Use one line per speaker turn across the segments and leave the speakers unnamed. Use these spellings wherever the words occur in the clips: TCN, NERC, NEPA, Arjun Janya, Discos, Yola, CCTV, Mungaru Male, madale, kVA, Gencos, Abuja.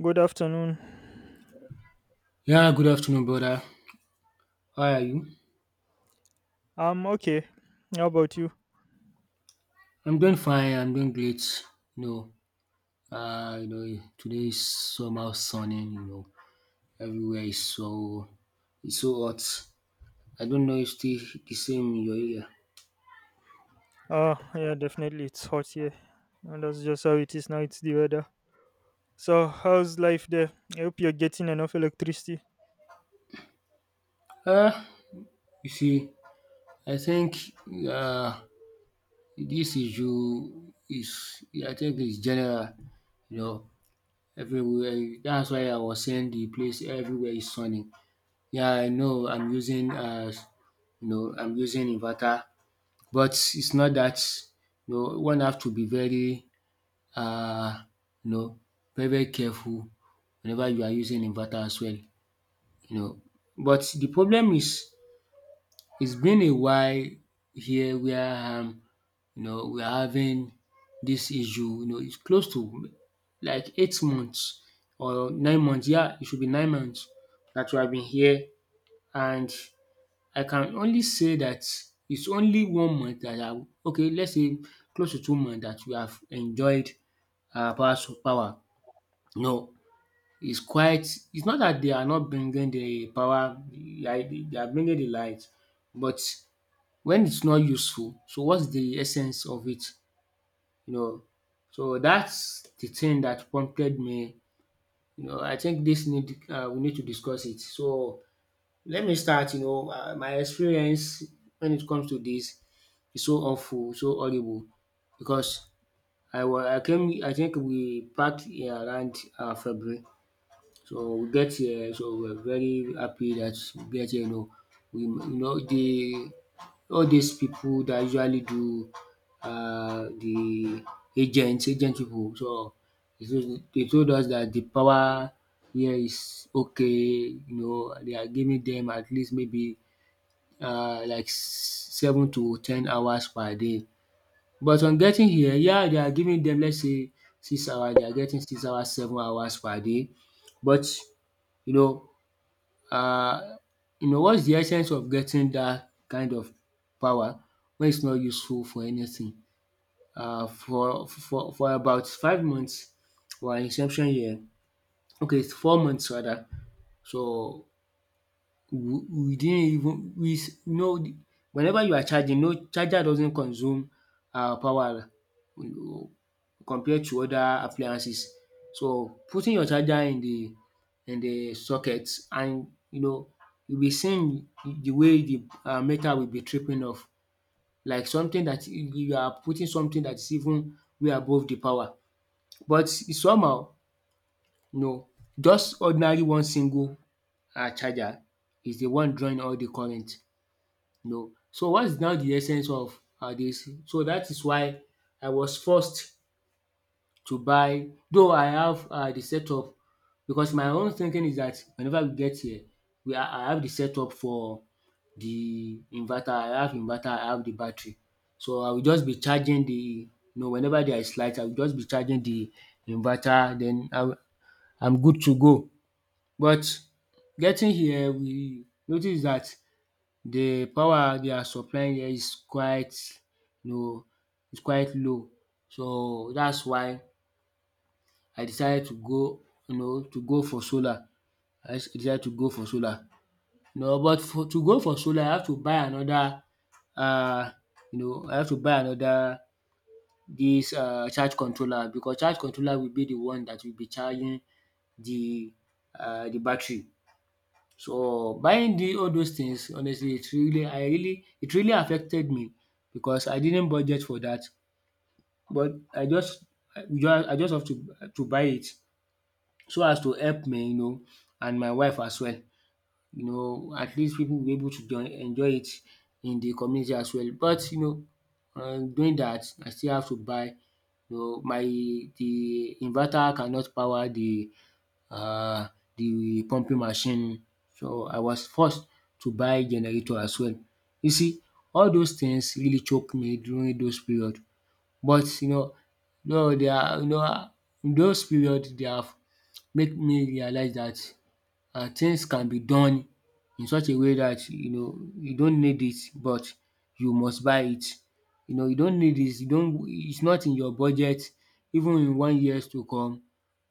Good afternoon.
Yeah, good afternoon, brother. How are you?
I'm okay. How about you?
I'm doing fine. I'm doing great. You know, Today is somehow sunny. Everywhere is it's so hot. I don't know if still the same in your area.
Oh, yeah, definitely. It's hot here. And that's just how it is now. It's the weather. So, how's life there? I hope you're getting enough electricity.
Uh, you see, I think, uh, this issue is, I think, it's general. You know, Everywhere. That's why I was saying the place everywhere is sunny. Yeah, I know. I'm using inverter. But it's not that, one have to be very, uh you know very very careful whenever you are using inverter as well you know. But the problem is, it's been a while here where, we are having this issue. It's close to like 8 months or 9 months. Yeah, it should be 9 months that we have been here, and I can only say that it's only 1 month that I — okay, let's say close to 2 months — that we have enjoyed our power. Power. No, it's quite it's not that they are not bringing the power, like they are bringing the light, but when it's not useful, so what's the essence of it you know. So that's the thing that prompted me. I think this need we need to discuss it. So let me start, my experience when it comes to this is so awful, so horrible, because I came, I think we packed in around, February. So we get here, so we are very happy that we get here. We you know the all these people that usually do de agent agent pipu, so they told us that the power here is okay. They are giving them at least maybe, like 7 to 10 hours per day, but on getting here, yeah, they are giving them, let's say, six hours they are getting 6 hours, 7 hours per day. But, you know, uh, you know what's the essence of getting that kind of power when it's not useful for anything? For about 5 months, our inception year — okay, it's 4 months rather — so we didn't even, we s no, whenever you are charging, no, charger doesn't consume power compared to other appliances. So putting your charger in the, in the socket, and you'll be seeing the way the, meter will be tripping off, like something that you are putting, something that is even way above the power. But somehow, you know just ordinary one single, charger is the one drawing all the current. So what is now the essence of dis? So that is why I was forced to buy, though I have, the setup, because my own thinking is that whenever we get here, we I have the setup for the inverter. I have inverter, I have the battery. So I will just be charging the — whenever there is light, I will just be charging the inverter. Then I'm good to go. But getting here, we notice that the power they are supplying here is quite, you know is quite low. So that's why I decided to go, to go for solar. I just decided to go for solar. But for to go for solar, I have to buy another, um you know I have to buy another dis charge controller, because charge controller will be the one that will be charging the, the battery. So buying the all those things, honestly, it really I really it really affected me, because I didn't budget for that. But I just have to buy it, so as to help me and my wife as well. At least people will be able to join enjoy it in the community as well. But, doing that, I still have to buy — my the inverter cannot power the, um the pumping machine. So I was forced to buy generator as well. You see, all those things really choke me during those period. But no, they are you know in those period they have make me realize that, things can be done in such a way that you don't need it, but you must buy it. You don't need it, you don't it's not in your budget even in one years to come,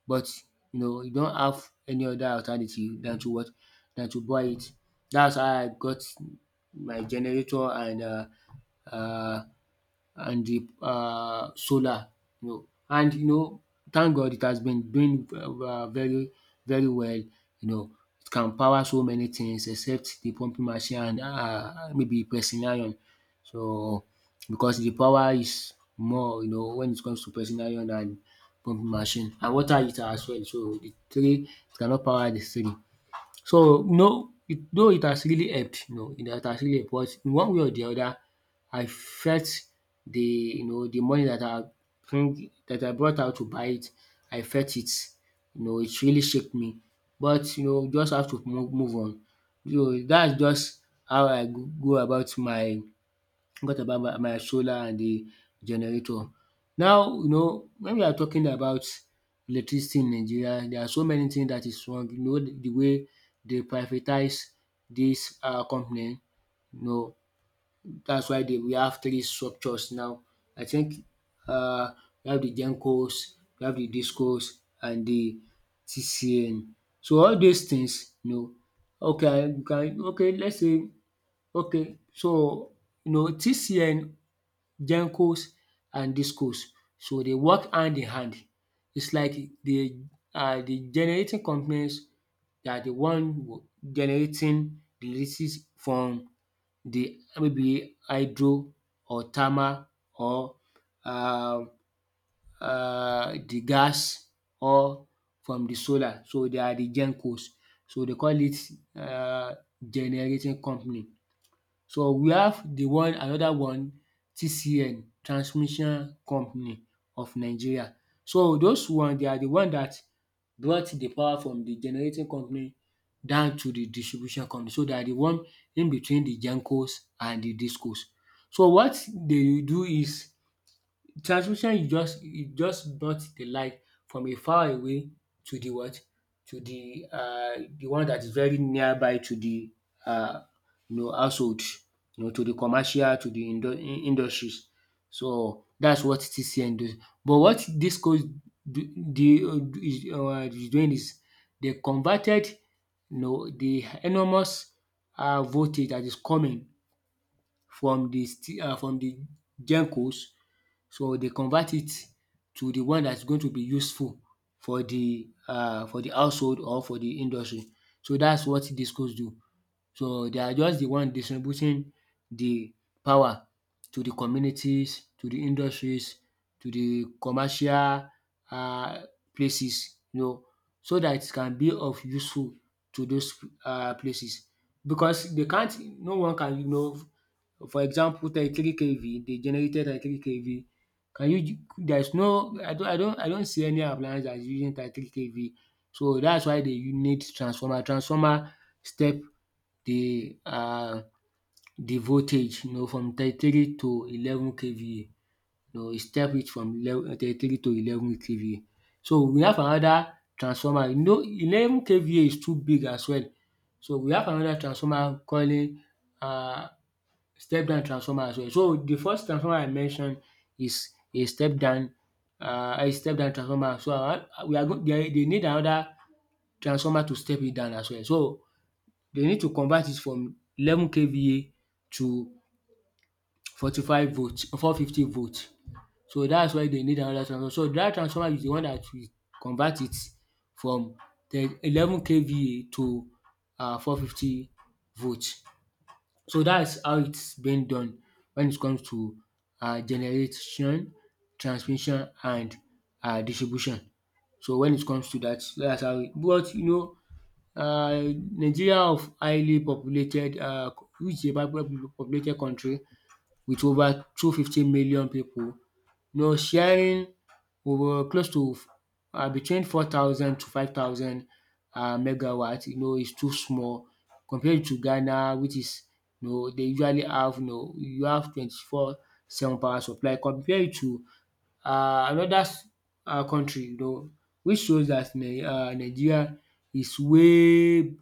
but you don't have any other alternative than to what? Than to buy it. That's how I got my generator and, um the, solar. And thank God it has been doing, very very well, it can power so many things except the pumping machine and, maybe pressing iron. So because the power is more, when it comes to pressing iron and pumping machine and water heater as well, so the three, it cannot power the three. So no, it though it has really helped, it has really helped, but in one way or the other, I felt the, the money that I bring that I brought out to buy it — I felt it. It really shook me, but just have to move on. That's just how I go go about my got about my solar and the generator. Now, when we are talking about electricity in Nigeria, there are so many things that is wrong. The way they privatize this, company, you know, that's why they we have three structures now. I think um we have the Gencos, we have the Discos and the TCN. So all these things, okay, I can okay, let's say, okay, so TCN, gencos and discos. So they work hand in hand. It's like the, the generating companies are the one, generating the electricity from the, maybe hydro or thermal or, uh the gas, or from the solar. So they are the gencos. So they call it, uh generating company. So we have the one, another one, TCN, Transmission Company of Nigeria. So those one, they are the one that brought the power from the generating company down to the distribution company. So they are the one in between the gencos and the discos. So what they do is, transmission is just brought the light from a far away to the what? To the, the one that is very nearby to the, uh household, to the commercial, to the industries. So that's what TCN does. But what this course do — is doing is, they converted, the enormous, voltage that is coming from the, from the gencos. So they convert it to the one that's going to be useful for the, for the household or for the industry. So that's what discos do. So they are just the one distributing the power to the communities, to the industries, to the commercial, um places, so that it can be of useful to those, places, because they can't no one can, for example 33 kV, they generated 33 kV. Can you there's no I don't see any appliance that is using 33 kV. So that's why they, need transformer. Transformer step the, the voltage, from 33 to 11 kVA. E step it from eleven thirty-three to 11 kVA. So we have another transformer, 11 kVA is too big as well. So we have another transformer calling, um step down transformer as well. So the first transformer I mentioned is a step down, a step down transformer. So I wan we are go they need another transformer to step it down as well. So they need to convert it from 11 KVA to forty five volt 450 volts. So that's why they need another transformer. So that transformer is the one that will convert it from the 11 KVA to, 450 volts. So that's how it's been done when it comes to, generation, transmission and, distribution. So when it comes to that, that's how. But Nigeria of highly populated, which is a populated country with over 250 million people, sharing over close to, between 4,000 to 5,000 megawatt. It's too small compared to Ghana, which is, they usually have, you have 24/7 power supply compared to another country, which shows that Nigeria is way,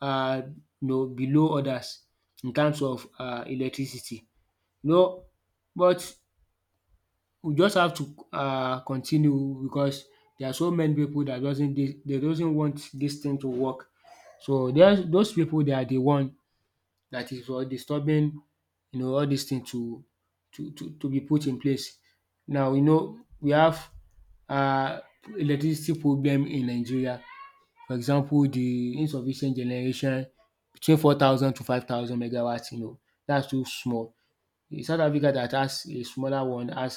uh, below others in terms of electricity. You know, but we just have to continue, because there are so many people that doesn't they dey doesn't want this thing to work. So there's those people, they are the one that is disturbing all these things to be put in place. Now we have uh electricity problem in Nigeria. For example, the insufficient generation between 4,000 to 5,000 megawatts. That's too small. South Africa, that has a smaller one, has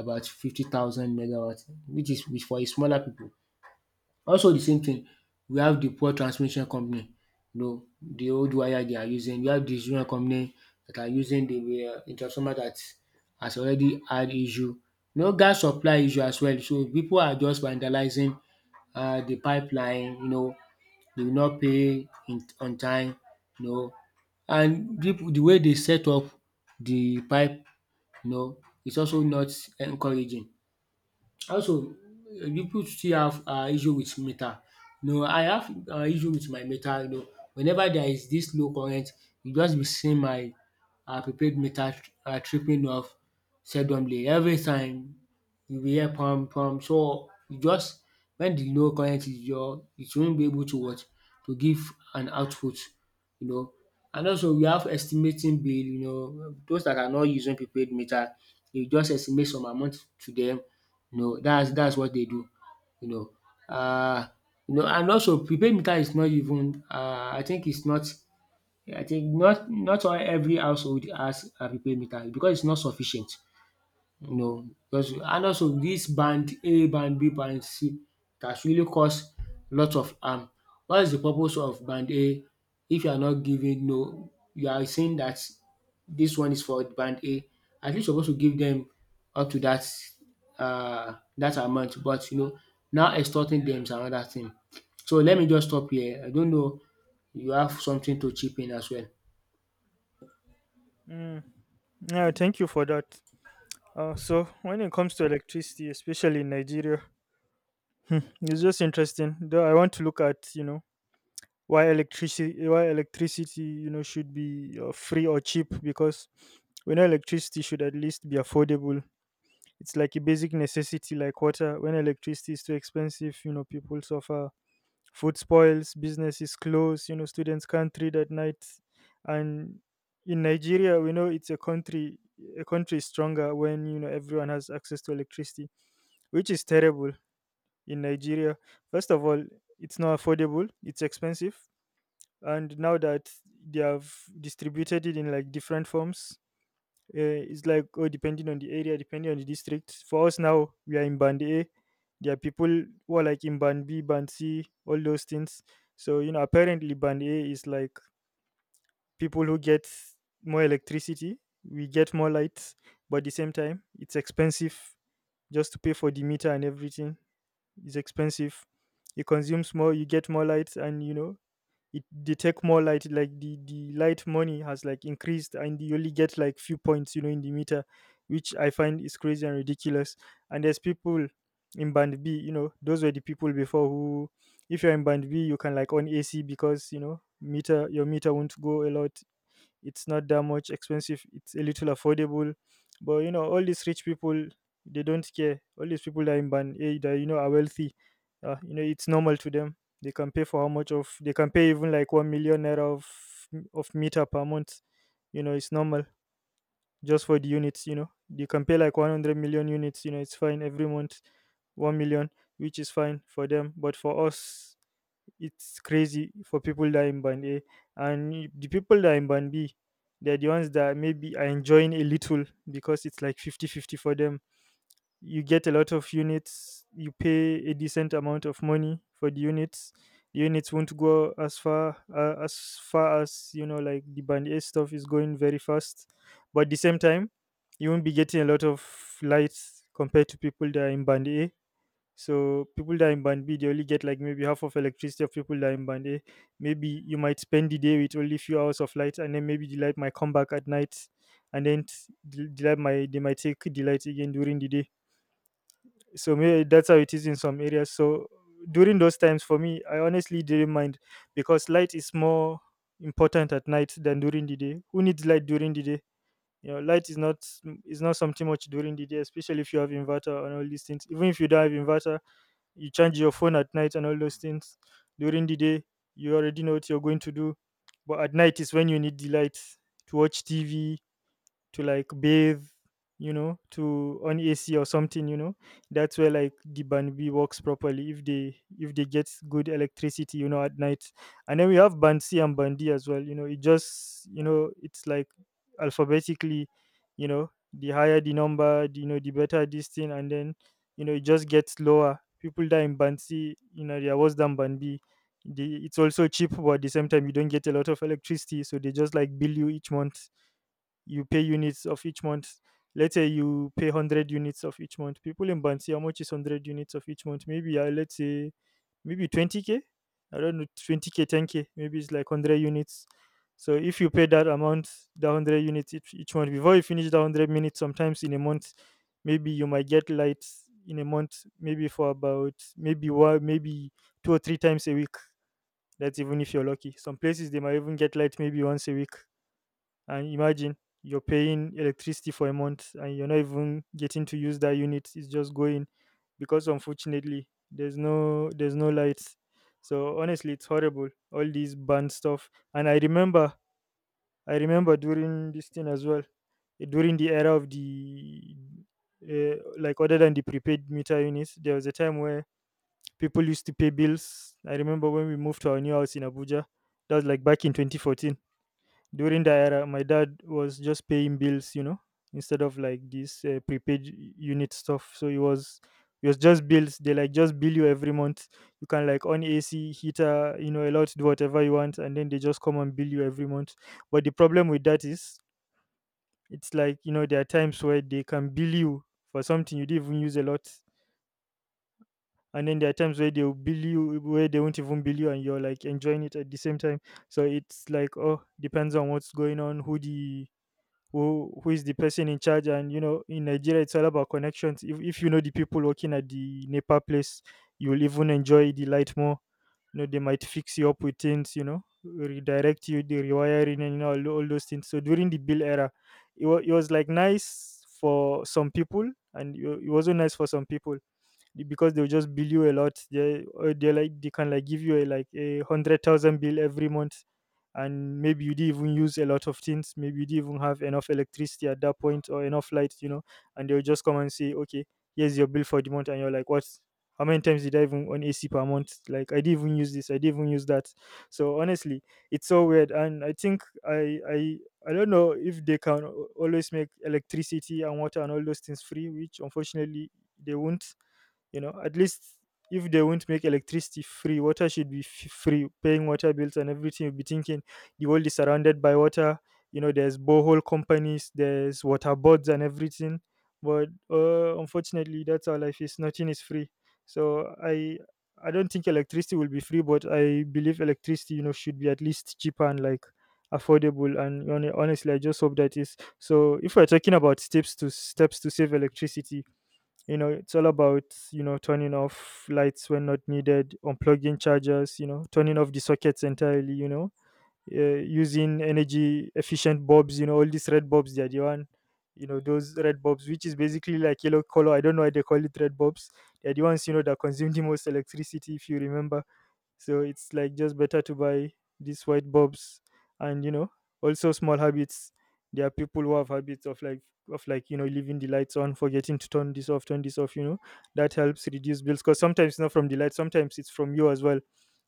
about 50,000 megawatt, which is which for a smaller people. Also, the same thing, we have the poor transmission company, the old wire they are using. We have distribution company that are using the transformer that has already had issue. No gas supply issue as well, so people are just vandalizing the pipeline. They will not pay in on time. You know and people, the way they set up the pipe, no, it's also not encouraging. Also, people still have issue with meter. I have issue with my meter. Whenever there is this low current, you just be seeing my prepaid meter tripping off seldomly. Every time you will hear pam pam, so you just, when the low current is your, it won't be able to what, to give an output you know. And also we have estimating bill, those that are not using prepaid meter. You just estimate some amount to them. That's dats what they do you know. Uh, and also prepaid meter is not even. I think it's not. I think not all every household has a prepaid meter, because it's not sufficient. Because, and also this band A, band B, band C, that's really caused lots of harm. What is the purpose of band A, if you are not giving, no, you are saying that this one is for band A. At least you're supposed to give them up to that that amount. But now extorting them is another thing. So let me just stop here. I don't know, you have something to chip in as well.
Mm. Yeah, thank you for that. So, when it comes to electricity, especially in Nigeria, it's just interesting. Though I want to look at, you know, why electricity you know should be free or cheap, because we know electricity should at least be affordable. It's like a basic necessity, like water. When electricity is too expensive, you know, people suffer, food spoils, businesses close, you know, students can't read at night. And in Nigeria, we know it's a country. A country is stronger when, you know, everyone has access to electricity, which is terrible. In Nigeria, first of all, it's not affordable, it's expensive. And now that they have distributed it in like different forms, it's like, oh, depending on the area, depending on the district. For us now, we are in band A. There are people who are like in band B, band C, all those things. So, you know, apparently band A is like people who get more electricity, we get more lights, but at the same time, it's expensive. Just to pay for the meter and everything is expensive. It consumes more, you get more lights, and you know, it, they take more light, like the light money has like increased, and you only get like few points, you know, in the meter, which I find is crazy and ridiculous. And there's people in band B, you know, those were the people before who, if you're in band B, you can like on AC, because, you know, meter, your meter won't go a lot. It's not that much expensive, it's a little affordable. But you know, all these rich people, they don't care. All these people that are in band A, that, you know, are wealthy, you know, it's normal to them, they can pay for how much of they can pay, even like 1 million naira of meter per month, you know, it's normal. Just for the units, you know, they can pay like 100 million units, you know, it's fine every month. 1 million, which is fine for them, but for us, it's crazy. For people that are in band A, and the people that are in band B, they're the ones that maybe are enjoying a little, because it's like 50-50 for them. You get a lot of units, you pay a decent amount of money for the units. The units won't go as far, as far as, you know, like the band A stuff is going very fast, but at the same time, you won't be getting a lot of lights compared to people that are in band A. So people that are in band B, they only get like maybe half of electricity of people that are in band A. Maybe you might spend the day with only few hours of light, and then maybe the light might come back at night, and then the light might, they might take the light again during the day. So maybe that's how it is in some areas. So during those times, for me, I honestly didn't mind, because light is more important at night than during the day. Who needs light during the day? You know, light is not, is not something much during the day, especially if you have inverter and all these things. Even if you don't have inverter, you charge your phone at night and all those things. During the day, you already know what you're going to do, but at night is when you need the light to watch TV, to like bathe, you know, to on AC or something, you know. That's where like the band B works properly, if they get good electricity, you know, at night. And then we have band C and band D as well, you know. It just, you know, it's like alphabetically, you know, the higher the number, the, you know, the better this thing, and then, you know, it just gets lower. People that in band C, you know, they are worse than band B. The, it's also cheap, but at the same time, you don't get a lot of electricity, so they just like bill you each month, you pay units of each month. Let's say you pay 100 units of each month. People in Bansi, how much is 100 units of each month? Maybe, let's say, maybe 20K? I don't know, 20K, 10K. Maybe it's like 100 units. So if you pay that amount, the 100 units each month, before you finish the 100 minutes, sometimes in a month, maybe you might get lights in a month, maybe for about, maybe one, maybe two or three times a week. That's even if you're lucky. Some places, they might even get light maybe once a week. And imagine you're paying electricity for a month and you're not even getting to use that unit. It's just going, because unfortunately there's no lights. So honestly, it's horrible, all these banned stuff. And I remember during this thing as well. During the era of the, like other than the prepaid meter units, there was a time where people used to pay bills. I remember when we moved to our new house in Abuja. That was like back in 2014. During the era, my dad was just paying bills, you know, instead of like this, prepaid unit stuff. So it was just bills, they like just bill you every month. You can like on AC, heater, you know, allowed to do whatever you want, and then they just come and bill you every month. But the problem with that is, it's like, you know, there are times where they can bill you for something you didn't even use a lot. And then there are times where they'll bill you, where they won't even bill you, and you're like enjoying it at the same time. So it's like, oh, depends on what's going on, who the, who is the person in charge, and you know, in Nigeria, it's all about connections. If you know the people working at the NEPA place, you will even enjoy the light more, you know. They might fix you up with things, you know, redirect you the rewiring, and you know, all those things. So during the bill era, it was like nice for some people, and it wasn't nice for some people, because they'll just bill you a lot. They, or they like, they can like give you a, like a hundred thousand bill every month, and maybe you didn't even use a lot of things. Maybe you didn't even have enough electricity at that point, or enough light, you know. And they'll just come and say, okay, here's your bill for the month, and you're like, what? How many times did I even on AC per month? Like, I didn't even use this, I didn't even use that. So honestly, it's so weird, and I think I don't know if they can always make electricity and water and all those things free, which unfortunately they won't. You know, at least if they won't make electricity free, water should be free. Paying water bills and everything, you'll be thinking, the world is surrounded by water, you know, there's borehole companies, there's water boards and everything. But unfortunately, that's our life, is nothing is free. So I don't think electricity will be free, but I believe electricity, you know, should be at least cheaper and like affordable. And honestly, I just hope that is so. If we're talking about steps to save electricity, you know, it's all about, you know, turning off lights when not needed, unplugging chargers, you know, turning off the sockets entirely, you know, using energy efficient bulbs. You know, all these red bulbs, they are the one, you know, those red bulbs, which is basically like yellow color, I don't know why they call it red bulbs, they're the ones, you know, that consume the most electricity, if you remember. So it's like just better to buy these white bulbs. And you know, also small habits. There are people who have habits of like, you know, leaving the lights on, forgetting to turn this off, you know. That helps reduce bills, because sometimes it's not from the light, sometimes it's from you as well,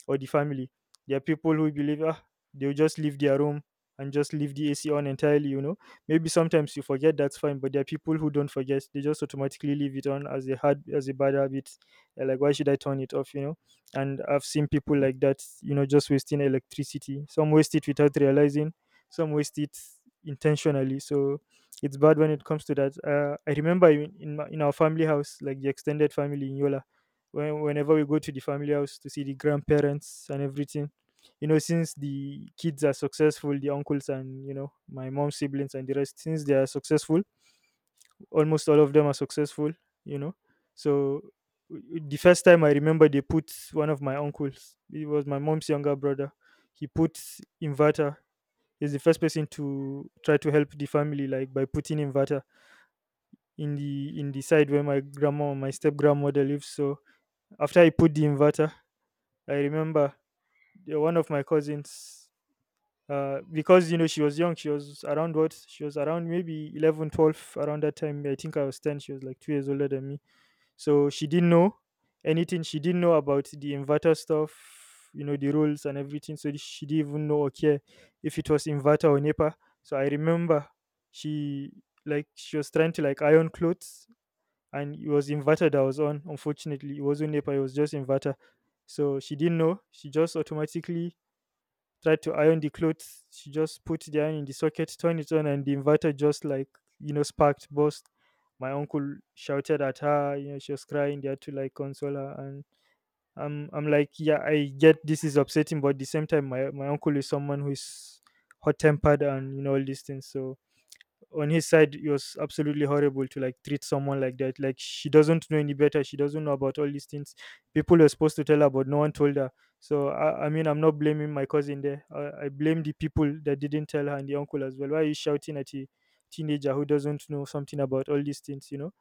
or the family. There are people who believe, ah, they'll just leave their room and just leave the AC on entirely, you know. Maybe sometimes you forget, that's fine, but there are people who don't forget. They just automatically leave it on as a hard as a bad habit. They're like, why should I turn it off? And I've seen people like that, just wasting electricity. Some waste it without realizing, some waste it intentionally, so. It's bad when it comes to that. I remember in our family house, like the extended family in Yola. Whenever we go to the family house to see the grandparents and everything, since the kids are successful, the uncles and my mom's siblings and the rest, since they are successful, almost all of them are successful you know so the first time I remember, they put one of my uncles, it was my mom's younger brother. He put inverter. He's the first person to try to help the family, like, by putting inverter in the side where my grandma, my step grandmother, lives. So after I put the inverter, I remember, one of my cousins, because she was young, she was around, maybe 11, 12 around that time. I think I was 10. She was like 2 years older than me. So she didn't know anything. She didn't know about the inverter stuff, the rules and everything. So she didn't even know or care if it was inverter or NEPA. So I remember, she she was trying to, like, iron clothes, and it was inverter that was on. Unfortunately, it wasn't NEPA, it was just inverter. So she didn't know. She just automatically tried to iron the clothes. She just put the iron in the socket, turned it on, and the inverter just like, sparked, burst. My uncle shouted at her, she was crying. They had to, like, console her. And I'm like, yeah, I get this is upsetting, but at the same time, my uncle is someone who is hot tempered and all these things. So on his side, it was absolutely horrible to, like, treat someone like that. Like, she doesn't know any better, she doesn't know about all these things. People were supposed to tell her, but no one told her. So, I mean, I'm not blaming my cousin there. I blame the people that didn't tell her, and the uncle as well. Why are you shouting at a teenager who doesn't know something about all these things?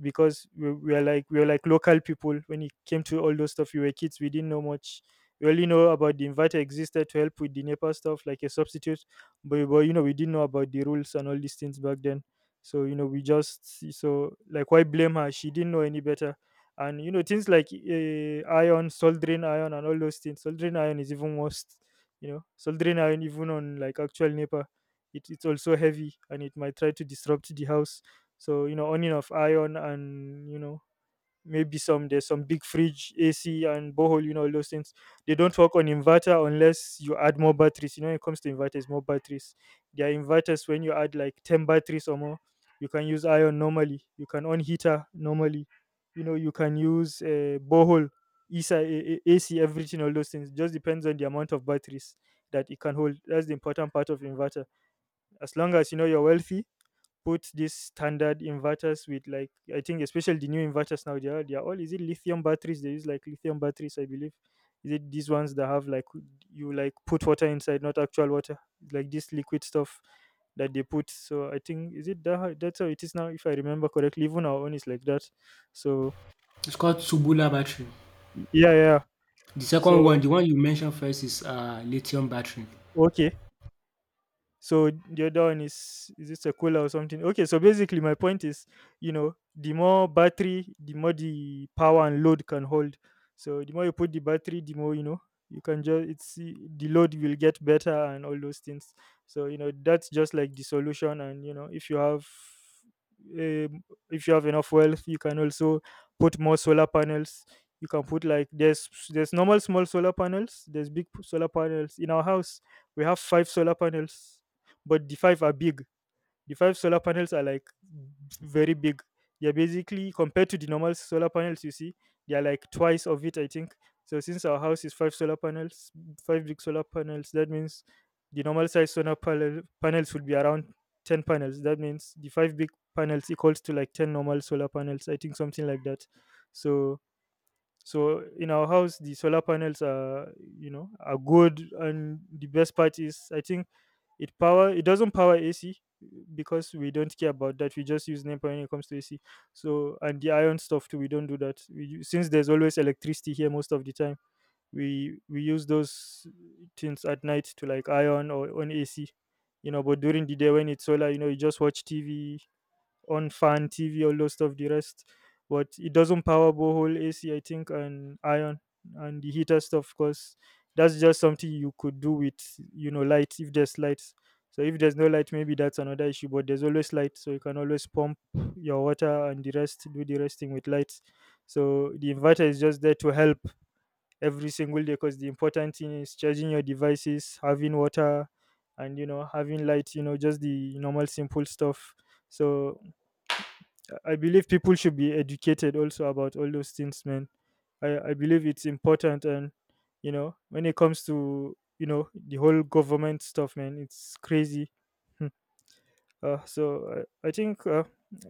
Because we are like local people when it came to all those stuff. We were kids, we didn't know much. We only know about the inverter existed to help with the NEPA stuff, like a substitute. But we didn't know about the rules and all these things back then. So you know we just so like why blame her? She didn't know any better. And things like, iron, soldering iron, and all those things. Soldering iron is even worse. Soldering iron, even on like actual NEPA, it's also heavy and it might try to disrupt the house. So, on and off iron, and maybe, some there's some big fridge, AC, and borehole, all those things. They don't work on inverter unless you add more batteries. When it comes to inverters, more batteries. There are inverters when you add like 10 batteries or more. You can use iron normally, you can on heater normally. You can use a borehole, ESA, AC, everything. All those things just depends on the amount of batteries that it can hold. That's the important part of inverter. As long as you're wealthy, put these standard inverters with, like, I think, especially the new inverters now. They are all, is it, lithium batteries? They use, like, lithium batteries, I believe. Is it these ones that have, like, you, like, put water inside, not actual water, like this liquid stuff that they put. So I think, is it that how, that's how it is now, if I remember correctly. Even our own is like that. So,
It's called Subula battery.
yeah, yeah.
The second one,
So
the one you mentioned first is lithium battery.
okay. So the other one is it a cola or something? Okay, so basically my point is, the more battery, the more the power and load can hold. So the more you put the battery, the more you know you can just it's the load will get better, and all those things. So that's just like the solution. And if you have, um, if you have enough wealth, you can also put more solar panels. You can put, like, there's normal small solar panels, there's big solar panels. In our house, we have five solar panels, but the five are big. The five solar panels are like very big. They're basically, compared to the normal solar panels you see, they are like twice of it, I think. So since our house is five solar panels, five big solar panels, that means the normal size solar panels would be around 10 panels. That means the five big panels equals to like 10 normal solar panels. I think something like that. So so in our house, the solar panels are, are good. And the best part is, I think, it doesn't power AC, because we don't care about that. We just use NEPA when it comes to AC. So, and the iron stuff too we don't do that, since there's always electricity here most of the time. We use those things at night to, like, iron or on AC. But during the day when it's solar, you just watch TV, on fan, TV, all those stuff, the rest. But it doesn't power borehole AC, I think, and iron and the heater stuff, because that's just something you could do with, light, if there's light. So if there's no light, maybe that's another issue. But there's always light, so you can always pump your water and the rest, do the resting with light. So the inverter is just there to help every single day, because the important thing is charging your devices, having water, and having light. Just the normal simple stuff. So I believe people should be educated also about all those things, man. I believe it's important, and when it comes to the whole government stuff, man, it's crazy. Hmm. So I think,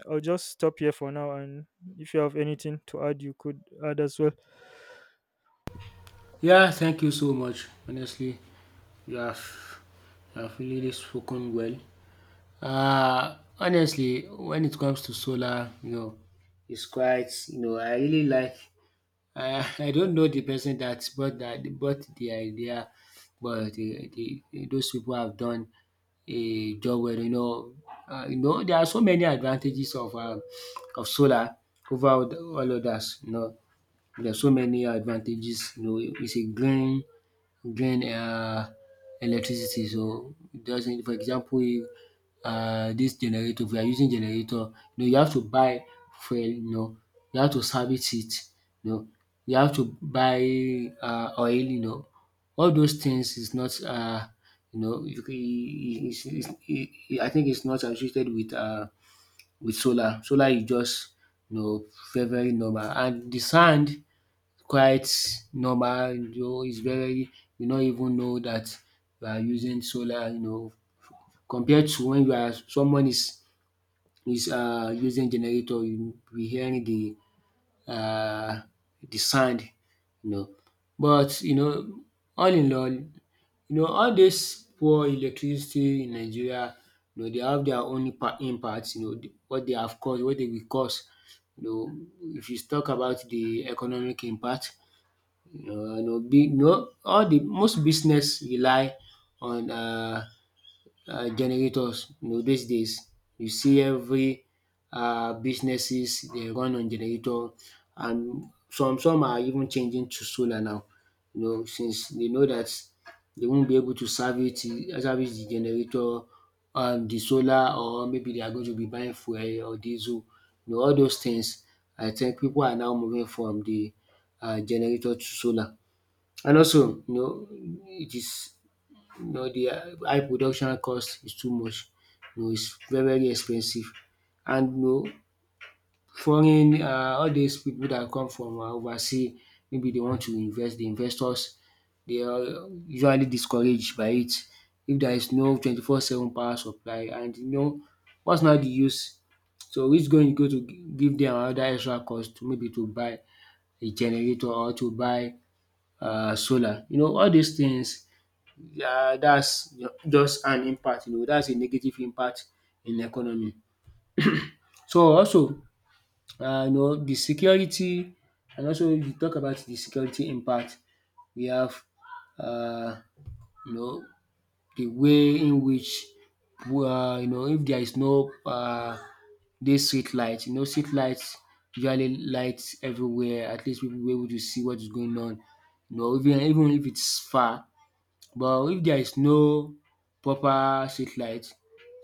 I'll just stop here for now, and if you have anything to add, you could add as well.
Yeah, thank you so much. Honestly, you have you have really spoken well. Honestly, when it comes to solar, it's quite, I really like. I I don't know the person that brought the idea, but the those people have done a job where. There are so many advantages of solar over all others. There are so many advantages, it's a green electricity, so it doesn't, for example, if dis generator, if you are using generator, you have to buy fuel. You have to service it. you know, you have to buy oil. All those things is not you know you, can- I think it's not associated with solar. Solar is just you know very very normal, and the sand quite normal. It's very, you not even know that you are using solar, compared to when you are someone is using generator, you be hearing the uh sound you know. But all in all, all this poor electricity in Nigeria, they have their own impact, what they have caused, what they will cause. If you talk about the economic impact, all the most business rely on generators, dis days. You see every businesses, they run on generator. And some are even changing to solar now, since they know that they won't be able to service the generator. And the solar, or maybe they are going to be buying fuel or diesel. All those things, I think people are now moving from the generator to solar. And also, it is, the high production cost is too much, it's very very expensive. And foreign all these people that come from overseas, maybe they want to invest, the investors. They are usually discouraged by it, if there is no 24/7 power supply. And what's now the use? So it's going to give them another extra cost, maybe to buy a generator, or to buy solar. All these things, yeah, that's just an impact, that's a negative impact in the economy. So also, the security. And also, if you talk about the security impact, we have uh, you know the way in which, if there is no dis street light. Street lights usually lights everywhere, at least people will be able to see what is going on, even if it's far. But if there is no proper street light,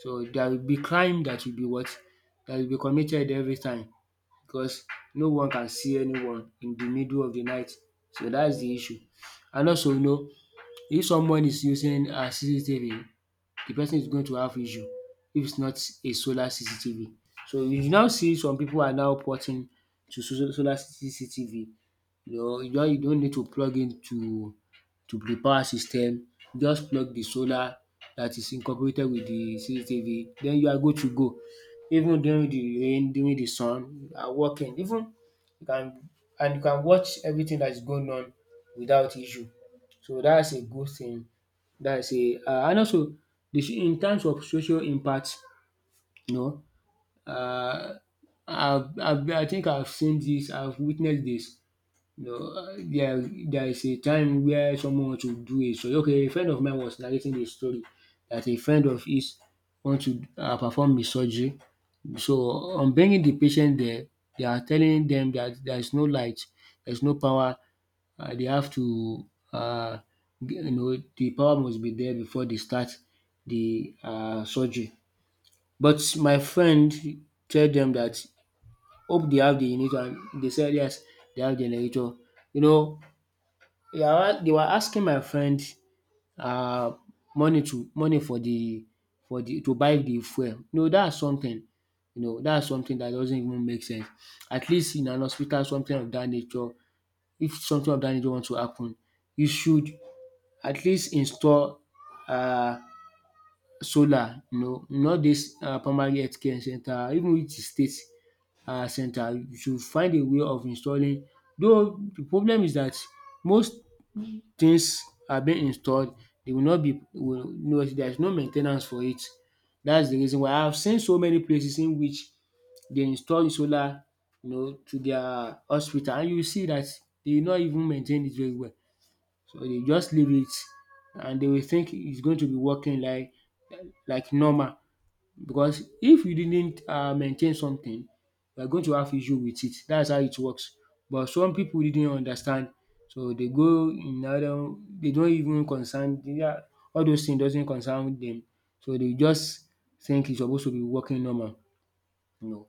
so there will be crime that will be what? That will be committed every time, because no one can see anyone in the middle of the night. So that's the issue. And also, if someone is using CCTV, the person is going to have issue, if it's not a solar CCTV. So you now see some people are now porting to solar CCTV. You don't need to plug in to the power system, just plug the solar that is incorporated with the CCTV, then you are good to go. Even during the rain, during the sun, you are working. Even you can, and you can watch everything that is going on without issue. So that's a good thing. That's a And also, in terms of social impact, you know, uh, I think I've seen this, I've witnessed this. You know, uh, there, there is a time where someone wants to do a story. Okay, a friend of mine was narrating a story, that a friend of his wants to perform a surgery. So, on bringing the patient there, they are telling them that there is no light, there is no power. They have to, the power must be there before they start the surgery. But my friend tell them that hope they have the generator, and they said yes, they have generator. You know they were asking my friend uh money to money for the to buy the fuel. No, that's something, that's something that doesn't even make sense. At least in an hospital, something of that nature, if something of that nature wants to happen, you should at least install um solar, not dis primary health center. Even if e state center, you should find a way of installing. Though the problem is that most things are being installed, they will not be Will no there is no main ten ance for it. That's the reason why. I have seen so many places in which they install solar, to their hospital, and you will see that they not even maintain it very well. So they just leave it, and they will think it's going to be working like normal, because if you didn't maintain something, you are going to have issue with it. That's how it works. But some people didn't understand, so they go in other, they don't even concern, their all those things doesn't concern them. So they just think it's supposed to be working normal you know.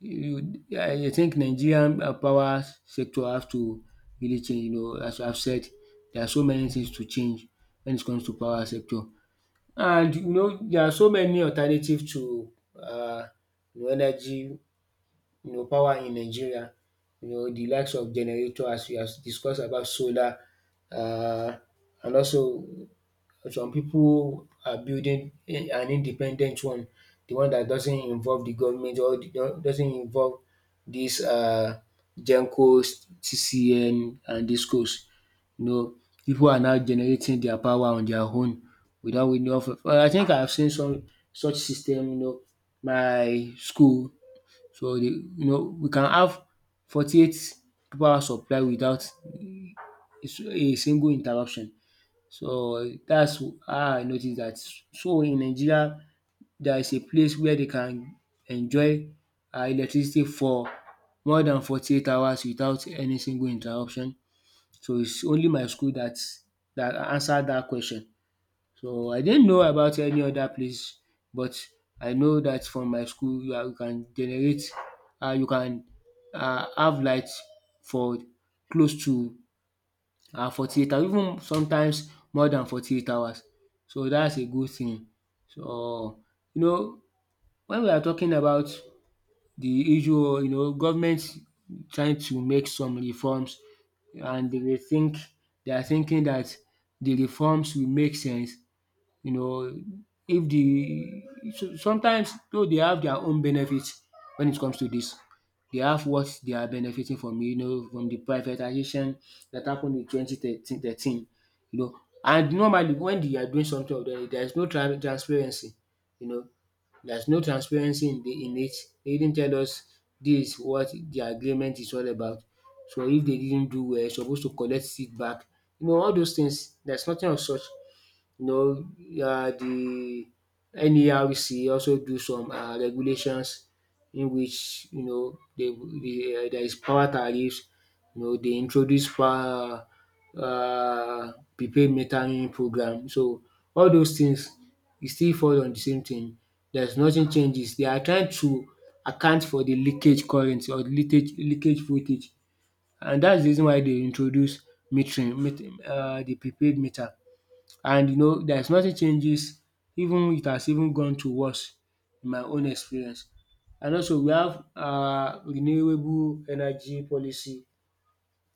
You I think Nigerian power sector have to really change, as I have said, there are so many things to change when it comes to power sector. And there are so many alternative to, uh, energy, power in Nigeria, the likes of generator, as we have discussed about solar. uh, and also, some people are building an independent one, the one that doesn't involve the government, or doesn't involve these GenCos, TCN and DisCos. You know, people are now generating their power on their own without any of. Well, I think I have seen some such system, my school. So they, we can have 48 power supply without a single interruption. So that's how I noticed that. So in Nigeria there is a place where they can enjoy electricity for more than 48 hours without any single interruption. So it's only my school that answered that question. So I didn't know about any other place, but I know that from my school you can generate, you can have light for close to 48 hours, even sometimes more than 48 hours. So that's a good thing. So you know, when we are talking about the issue, you know, government trying to make some reforms, and they are thinking that the reforms will make sense, you know, if the so sometimes though they have their own benefits when it comes to this. They have what they are benefiting from, you know, from the privatization that happened in 2013, you know. And normally when they are doing something of that, there is no transparency, you know. There's no transparency in the in it. They didn't tell us this what the agreement is all about. So if they didn't do well, are supposed to collect it back. You know, all those things, there's nothing of such. You know, the NERC also do some regulations in which, you know, they there is power tariffs, you know, they introduce power, prepaid metering program. So all those things e still fall on the same thing. There's nothing changes. They are trying to account for the leakage current or leakage voltage, and that's the reason why they introduce metering, the prepaid meter. And you know, there's nothing changes, even it has even gone to worse in my own experience. And also we have renewable energy policy,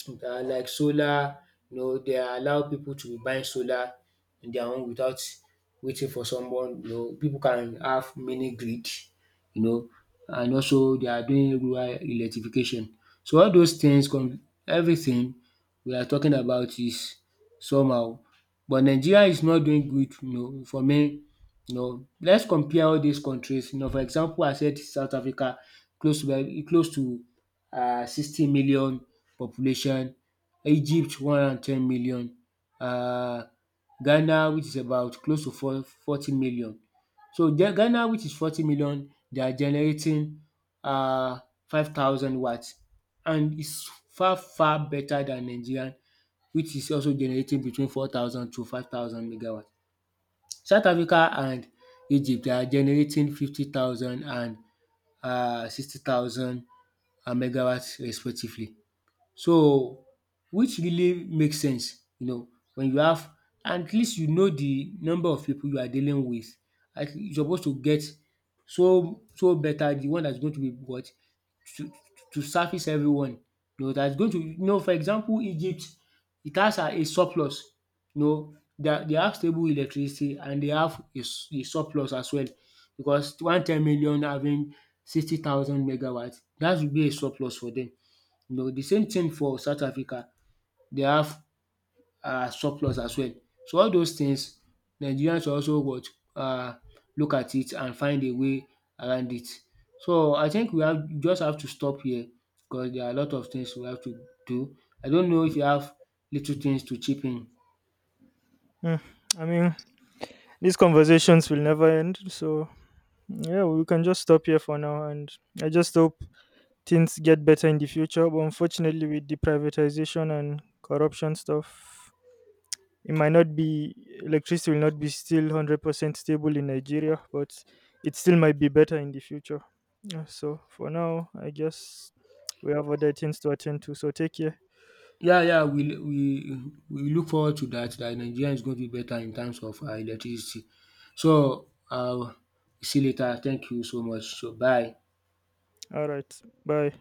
like solar. You know, they allow people to be buying solar on their own without waiting for someone. You know, people can have mini grid, you know, and also they are doing rural electrification. So all those things, everything we are talking about is somehow. But Nigeria is not doing good, you know, for me. You know, let's compare all these countries. You know, for example, I said South Africa, close to 60 million population, Egypt 110 million, um Ghana which is about close to four 40 million. So Ghana which is 40 million, they are generating um 5,000 watts, and it's far better than Nigeria, which is also generating between 4,000 to 5,000 megawatt. South Africa and Egypt they are generating 50,000 and 60,000 megawatt respectively. So which really makes sense, you know, when you have at least, you know, the number of people you are dealing with, at you supposed to get so better the one that's going to be what to service everyone, you know, that's going to, you know, for example, Egypt, it has a surplus. You know, they have stable electricity, and they have a surplus as well, because 110 million having 60,000 megawatt, that would be a surplus for them. You know, the same thing for South Africa, they have surplus as well. So all those things Nigerians should also what, um look at it and find a way around it. So I think we have just have to stop here because there are a lot of things we have to do. I don't know if you have little things to chip in.
Hmm. I mean, these conversations will never end, so yeah, we can just stop here for now. And I just hope things get better in the future. But unfortunately, with the privatization and corruption stuff, it might not be, electricity will not be still 100% stable in Nigeria, but it still might be better in the future. Yeah, so for now, I guess we have other things to attend to. So take care.
Yeah, yeah, we look forward to that Nigeria is going to be better in terms of electricity. So see you later. Thank you so much. So bye.
All right, bye.